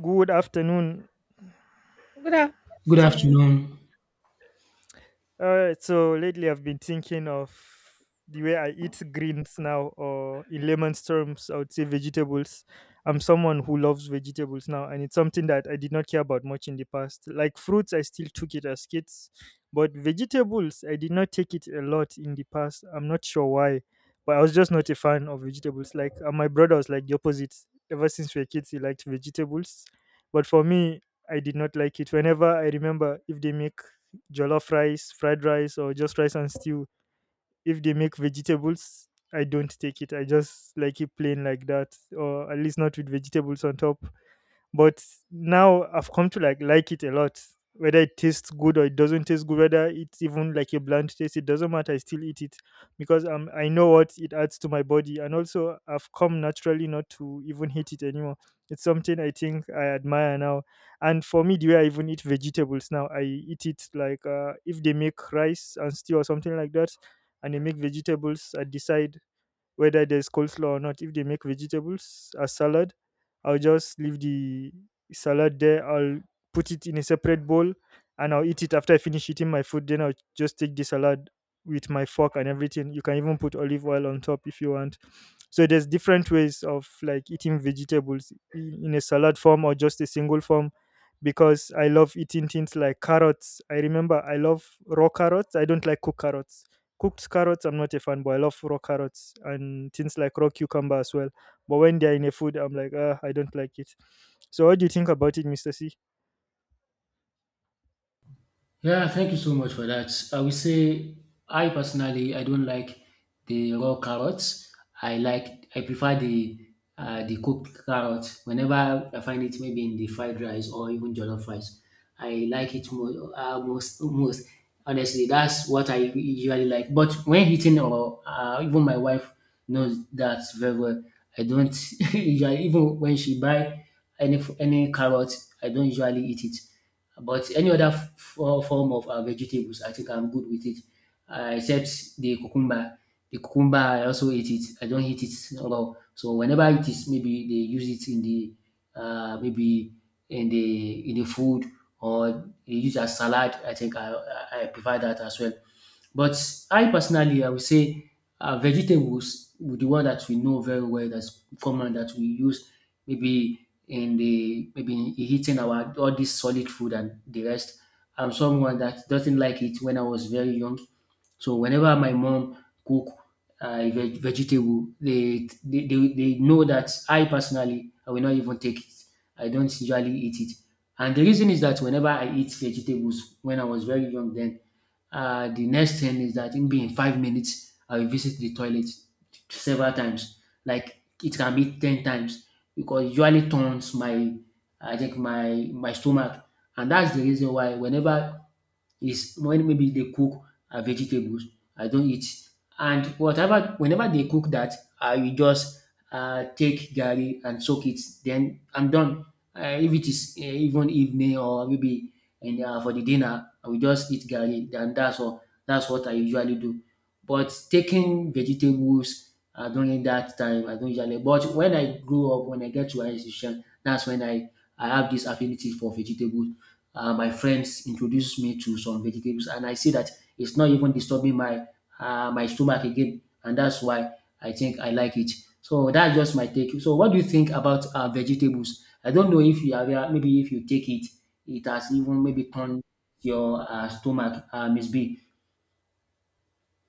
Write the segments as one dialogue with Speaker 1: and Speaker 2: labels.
Speaker 1: Good afternoon.
Speaker 2: Good
Speaker 3: Good
Speaker 2: afternoon.
Speaker 3: afternoon.
Speaker 1: So lately I've been thinking of the way I eat greens now, or in layman's terms, I would say vegetables. I'm someone who loves vegetables now, and it's something that I did not care about much in the past. Like fruits, I still took it as kids, but vegetables, I did not take it a lot in the past. I'm not sure why, but I was just not a fan of vegetables. Like my brother was like the opposite. Ever since we were kids, he liked vegetables, but for me, I did not like it. Whenever I remember if they make jollof rice, fried rice, or just rice and stew. If they make vegetables, I don't take it. I just like it plain like that, or at least not with vegetables on top, but now I've come to like it a lot, whether it tastes good or it doesn't taste good, whether it's even like a bland taste, it doesn't matter, I still eat it because I know what it adds to my body, and also I've come naturally not to even hate it anymore. It's something I think I admire now. And for me, the way I even eat vegetables now, I eat it like, if they make rice and stew or something like that and they make vegetables, I decide whether there's coleslaw or not. If they make vegetables as salad, I'll just leave the salad there. I'll put it in a separate bowl and I'll eat it after I finish eating my food. Then I'll just take the salad with my fork and everything. You can even put olive oil on top if you want. So there's different ways of like eating vegetables, in a salad form or just a single form, because I love eating things like carrots. I remember I love raw carrots. I don't like cooked carrots. Cooked carrots, I'm not a fan, but I love raw carrots and things like raw cucumber as well. But when they're in a food, I'm like, ah, I don't like it. So what do you think about it, Mr. C?
Speaker 3: Yeah, thank you so much for that. I will say I personally I don't like the raw carrots. I prefer the cooked carrot. Whenever I find it maybe in the fried rice or even jollof rice, I like it more most. Honestly, that's what I usually like. But when eating or even my wife knows that very well. I don't usually even when she buy any carrot, I don't usually eat it. But any other form of vegetables, I think I'm good with it, except the cucumber. The cucumber, I also eat it. I don't eat it raw. So whenever it is, maybe they use it in the maybe in the food, or they use as salad. I think I prefer that as well. But I personally I will say vegetables with the one that we know very well that's common that we use maybe in the maybe in eating our all this solid food and the rest. I'm someone that doesn't like it when I was very young. So whenever my mom cook a vegetable, they know that I personally I will not even take it. I don't usually eat it, and the reason is that whenever I eat vegetables when I was very young, then the next thing is that maybe in 5 minutes, I will visit the toilet several times. Like it can be 10 times because it usually turns I think my stomach, and that's the reason why whenever is when maybe they cook vegetables. I don't eat. And whenever they cook that, I will just take garri and soak it. Then I'm done. If it is even evening or maybe and for the dinner, I will just eat garri. And that's all. That's what I usually do. But taking vegetables during that time, I don't usually. But when I grew up, when I get to higher institution, that's when I have this affinity for vegetables. My friends introduced me to some vegetables, and I see that it's not even disturbing my my stomach again, and that's why I think I like it. So that's just my take. So what do you think about vegetables? I don't know if you are aware, maybe if you take it, it has even maybe turned your stomach, Miss B.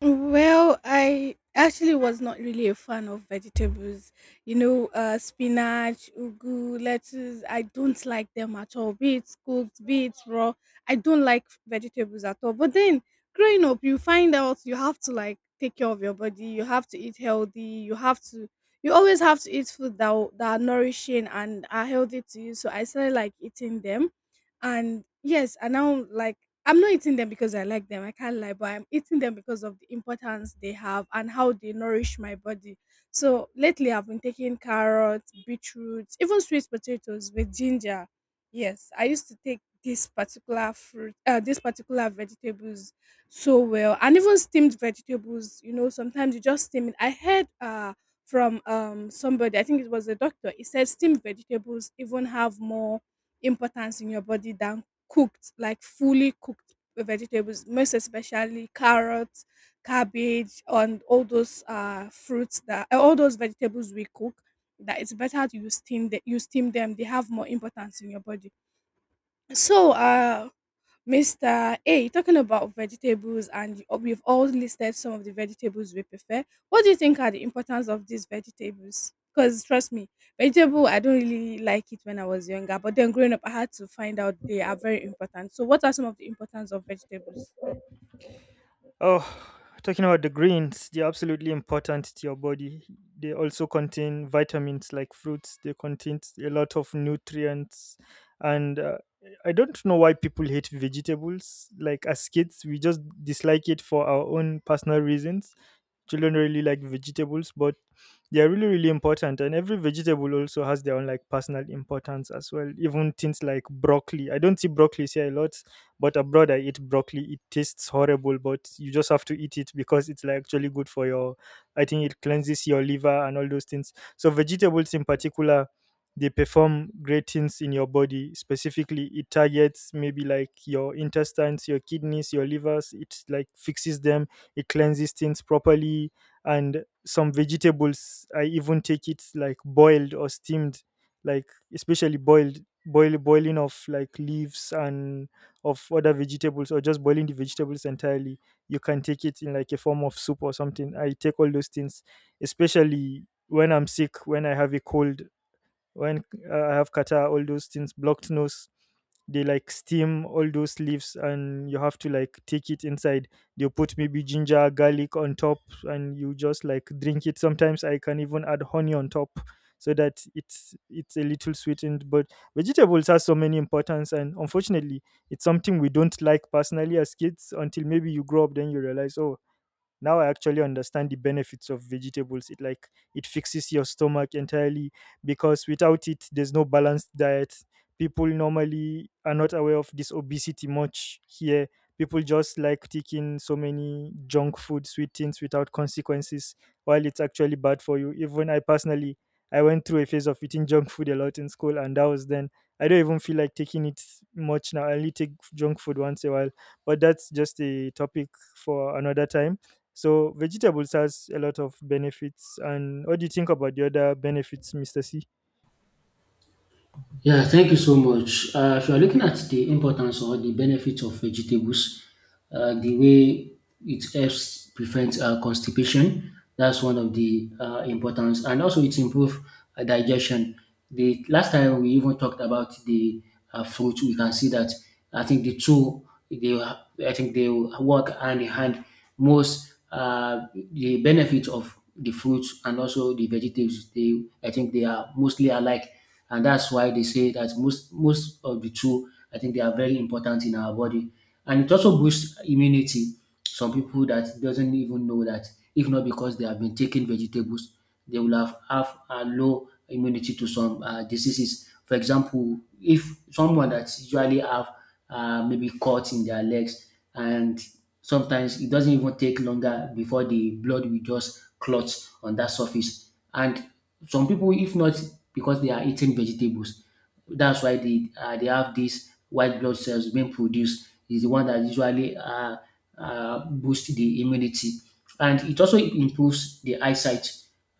Speaker 2: Well, I actually was not really a fan of vegetables. You know, spinach, ugu, lettuce. I don't like them at all. Be it cooked, be it raw. I don't like vegetables at all. But then, growing up, you find out you have to like take care of your body. You have to eat healthy. You have to. You always have to eat food that that are nourishing and are healthy to you. So I started like eating them, and yes, and now, like, I'm not eating them because I like them, I can't lie, but I'm eating them because of the importance they have and how they nourish my body. So lately I've been taking carrots, beetroots, even sweet potatoes with ginger. Yes, I used to take this particular fruit this particular vegetables. So well, and even steamed vegetables, you know, sometimes you just steam it. I heard from somebody, I think it was a doctor, he said steamed vegetables even have more importance in your body than cooked, like fully cooked vegetables, most especially carrots, cabbage, and all those fruits that all those vegetables we cook. That it's better to you steam, that you steam them. They have more importance in your body. So Mr. A, talking about vegetables, and we've all listed some of the vegetables we prefer. What do you think are the importance of these vegetables? Because trust me, vegetable, I don't really like it when I was younger, but then growing up, I had to find out they are very important. So, what are some of the importance of vegetables?
Speaker 1: Oh, talking about the greens, they're absolutely important to your body. They also contain vitamins like fruits, they contain a lot of nutrients. And I don't know why people hate vegetables. Like as kids, we just dislike it for our own personal reasons. Children really like vegetables, but they're really, really important. And every vegetable also has their own like personal importance as well. Even things like broccoli. I don't see broccoli here a lot, but abroad, I eat broccoli. It tastes horrible, but you just have to eat it because it's like actually good for your. I think it cleanses your liver and all those things. So vegetables in particular, they perform great things in your body. Specifically, it targets maybe like your intestines, your kidneys, your livers. It like fixes them. It cleanses things properly. And some vegetables, I even take it like boiled or steamed, like especially boiled, boiling of like leaves and of other vegetables or just boiling the vegetables entirely. You can take it in like a form of soup or something. I take all those things, especially when I'm sick, when I have a cold, when I have kata, all those things, blocked nose, they like steam all those leaves and you have to like take it inside. They put maybe ginger, garlic on top and you just like drink it. Sometimes I can even add honey on top so that it's a little sweetened. But vegetables has so many importance, and unfortunately it's something we don't like personally as kids until maybe you grow up, then you realize, oh, now I actually understand the benefits of vegetables. It like, it fixes your stomach entirely, because without it there's no balanced diet. People normally are not aware of this obesity much here. People just like taking so many junk food, sweet things without consequences, while it's actually bad for you. Even I personally, I went through a phase of eating junk food a lot in school, and that was then. I don't even feel like taking it much now. I only take junk food once a while, but that's just a topic for another time. So vegetables has a lot of benefits. And what do you think about the other benefits, Mr. C?
Speaker 3: Yeah, thank you so much. If you are looking at the importance or the benefits of vegetables, the way it helps prevent constipation, that's one of the importance, and also it improves digestion. The last time we even talked about the fruit, we can see that I think the two, they, I think they work hand in hand. Most the benefits of the fruits and also the vegetables, I think they are mostly alike, and that's why they say that most of the two I think they are very important in our body, and it also boosts immunity. Some people that doesn't even know that if not because they have been taking vegetables, they will have a low immunity to some diseases. For example, if someone that usually have maybe cuts in their legs, and sometimes it doesn't even take longer before the blood will just clot on that surface. And some people, if not because they are eating vegetables, that's why they have these white blood cells being produced. Is the one that usually boost the immunity, and it also improves the eyesight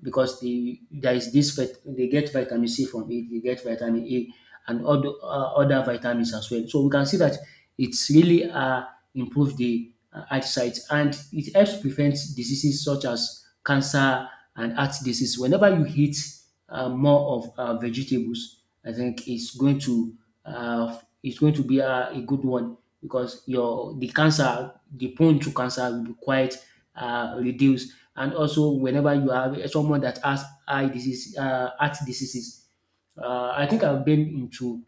Speaker 3: because there is this they get vitamin C from it, they get vitamin A and other vitamins as well. So we can see that it's really improve the eyesight, and it helps prevent diseases such as cancer and heart disease. Whenever you eat more of vegetables, I think it's going to be a good one because your the cancer the prone to cancer will be quite reduced. And also, whenever you have someone that has eye disease, heart diseases, I think I've been into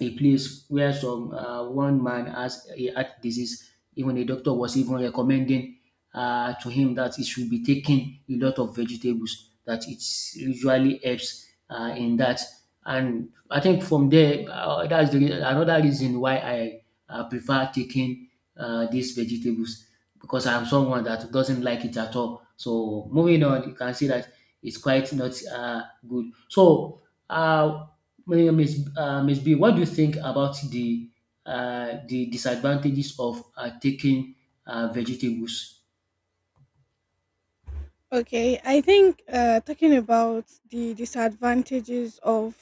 Speaker 3: a place where some one man has a heart disease. Even the doctor was even recommending to him that he should be taking a lot of vegetables. That it usually helps in that. And I think from there, that's another reason why I prefer taking these vegetables, because I'm someone that doesn't like it at all. So moving on, you can see that it's quite not good. So uh, Miss B, what do you think about the disadvantages of taking vegetables?
Speaker 2: Okay, I think talking about the disadvantages of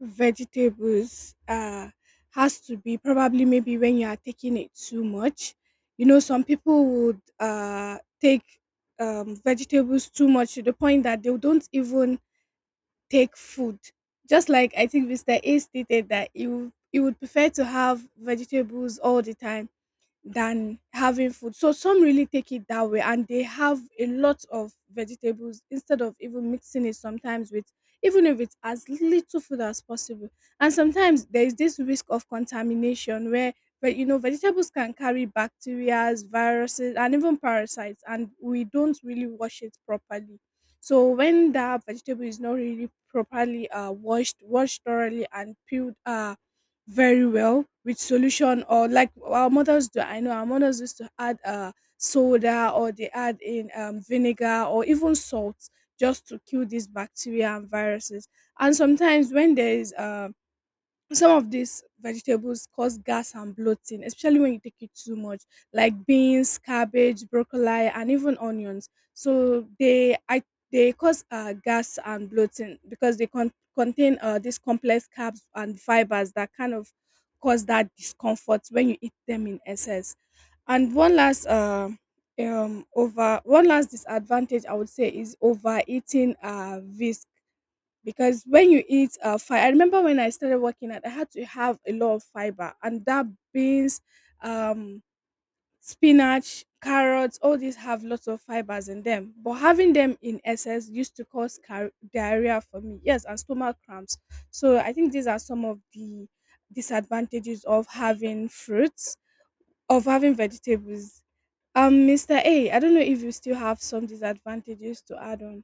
Speaker 2: vegetables has to be probably maybe when you are taking it too much. You know, some people would take vegetables too much to the point that they don't even take food. Just like I think Mr. A stated that you would prefer to have vegetables all the time than having food. So some really take it that way and they have a lot of vegetables instead of even mixing it sometimes with, even if it's as little food as possible. And sometimes there is this risk of contamination where, but you know, vegetables can carry bacteria, viruses, and even parasites, and we don't really wash it properly. So when that vegetable is not really properly washed, washed thoroughly and peeled very well with solution, or like our mothers do. I know our mothers used to add soda, or they add in vinegar or even salt just to kill these bacteria and viruses. And sometimes when there is some of these vegetables cause gas and bloating, especially when you take it too much, like beans, cabbage, broccoli, and even onions. So they cause gas and bloating because they contain these complex carbs and fibers that kind of cause that discomfort when you eat them in excess. And one last over one last disadvantage I would say is overeating vis because when you eat fiber, I remember when I started working out, I had to have a lot of fiber, and that beans, um, spinach, carrots, all these have lots of fibers in them. But having them in excess used to cause diarrhea for me, yes, and stomach cramps. So I think these are some of the disadvantages of having fruits, of having vegetables. Mr. A, I don't know if you still have some disadvantages to add on.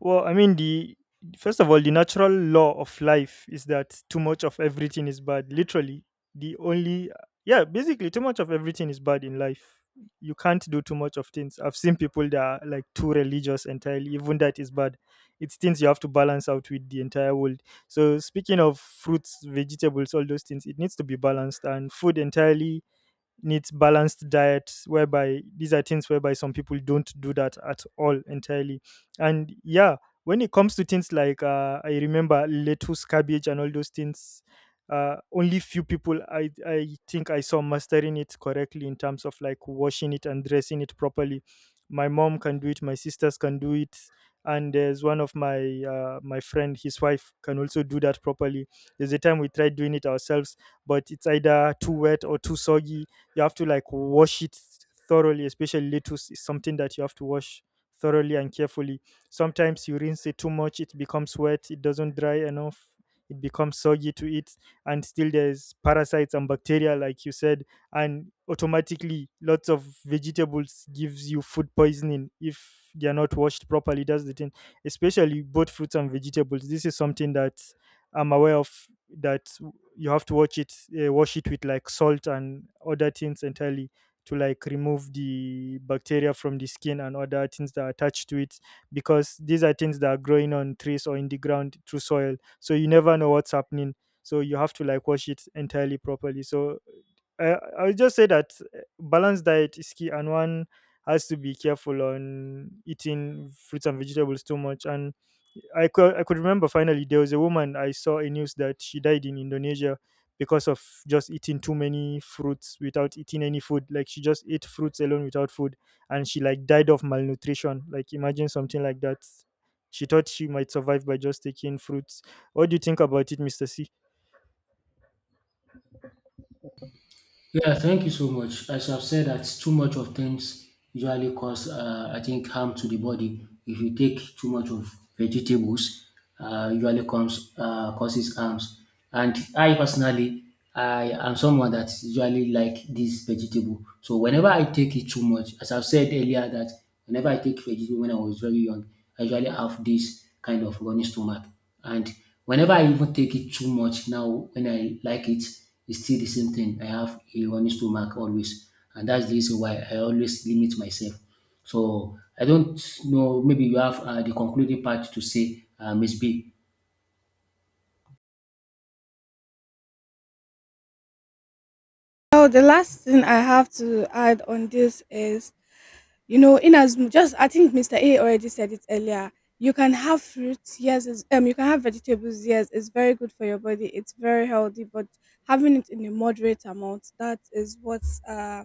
Speaker 1: Well, I mean, the first of all, the natural law of life is that too much of everything is bad. Literally, the only, yeah, basically too much of everything is bad in life. You can't do too much of things. I've seen people that are like too religious entirely. Even that is bad. It's things you have to balance out with the entire world. So speaking of fruits, vegetables, all those things, it needs to be balanced, and food entirely needs balanced diet, whereby these are things whereby some people don't do that at all entirely. And yeah, when it comes to things like, I remember lettuce, cabbage, and all those things, only few people, I think I saw mastering it correctly in terms of like washing it and dressing it properly. My mom can do it, my sisters can do it, and there's one of my my friend, his wife can also do that properly. There's a time we tried doing it ourselves, but it's either too wet or too soggy. You have to like wash it thoroughly, especially lettuce is something that you have to wash thoroughly and carefully. Sometimes you rinse it too much, it becomes wet, it doesn't dry enough, it becomes soggy to eat. And still there's parasites and bacteria like you said, and automatically lots of vegetables gives you food poisoning if they are not washed properly. That's the thing, especially both fruits and vegetables. This is something that I'm aware of, that you have to watch it, wash it with like salt and other things entirely to like remove the bacteria from the skin and other things that are attached to it, because these are things that are growing on trees or in the ground through soil, so you never know what's happening. So you have to like wash it entirely properly. So I would just say that balanced diet is key, and one has to be careful on eating fruits and vegetables too much. And I could remember finally there was a woman I saw in news that she died in Indonesia because of just eating too many fruits without eating any food. Like she just ate fruits alone without food, and she like died of malnutrition. Like imagine something like that. She thought she might survive by just taking fruits. What do you think about it, Mister C?
Speaker 3: Yeah, thank you so much. As I've said, that too much of things usually cause, I think, harm to the body. If you take too much of vegetables, usually comes causes harms. And I personally, I am someone that usually like this vegetable. So whenever I take it too much, as I've said earlier, that whenever I take vegetable when I was very young, I usually have this kind of running stomach. And whenever I even take it too much now, when I like it. It's still the same thing. I have a running stomach always, and that's the reason why I always limit myself. So I don't know. Maybe you have the concluding part to say, Miss B.
Speaker 2: Oh, the last thing I have to add on this is, you know, in as much, just I think Mr. A already said it earlier. You can have fruits, yes, it's, you can have vegetables, yes, it's very good for your body, it's very healthy, but having it in a moderate amount, that is what uh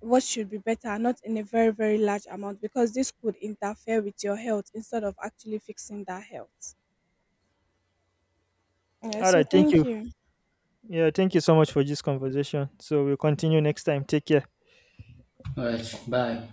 Speaker 2: what should be better, not in a very, very large amount, because this could interfere with your health instead of actually fixing that health. Yeah,
Speaker 1: All right.
Speaker 2: so
Speaker 1: Thank
Speaker 2: thank
Speaker 1: you.
Speaker 2: you.
Speaker 1: Yeah. Thank you so much for this conversation. So we'll continue next time. Take care.
Speaker 3: All right, bye.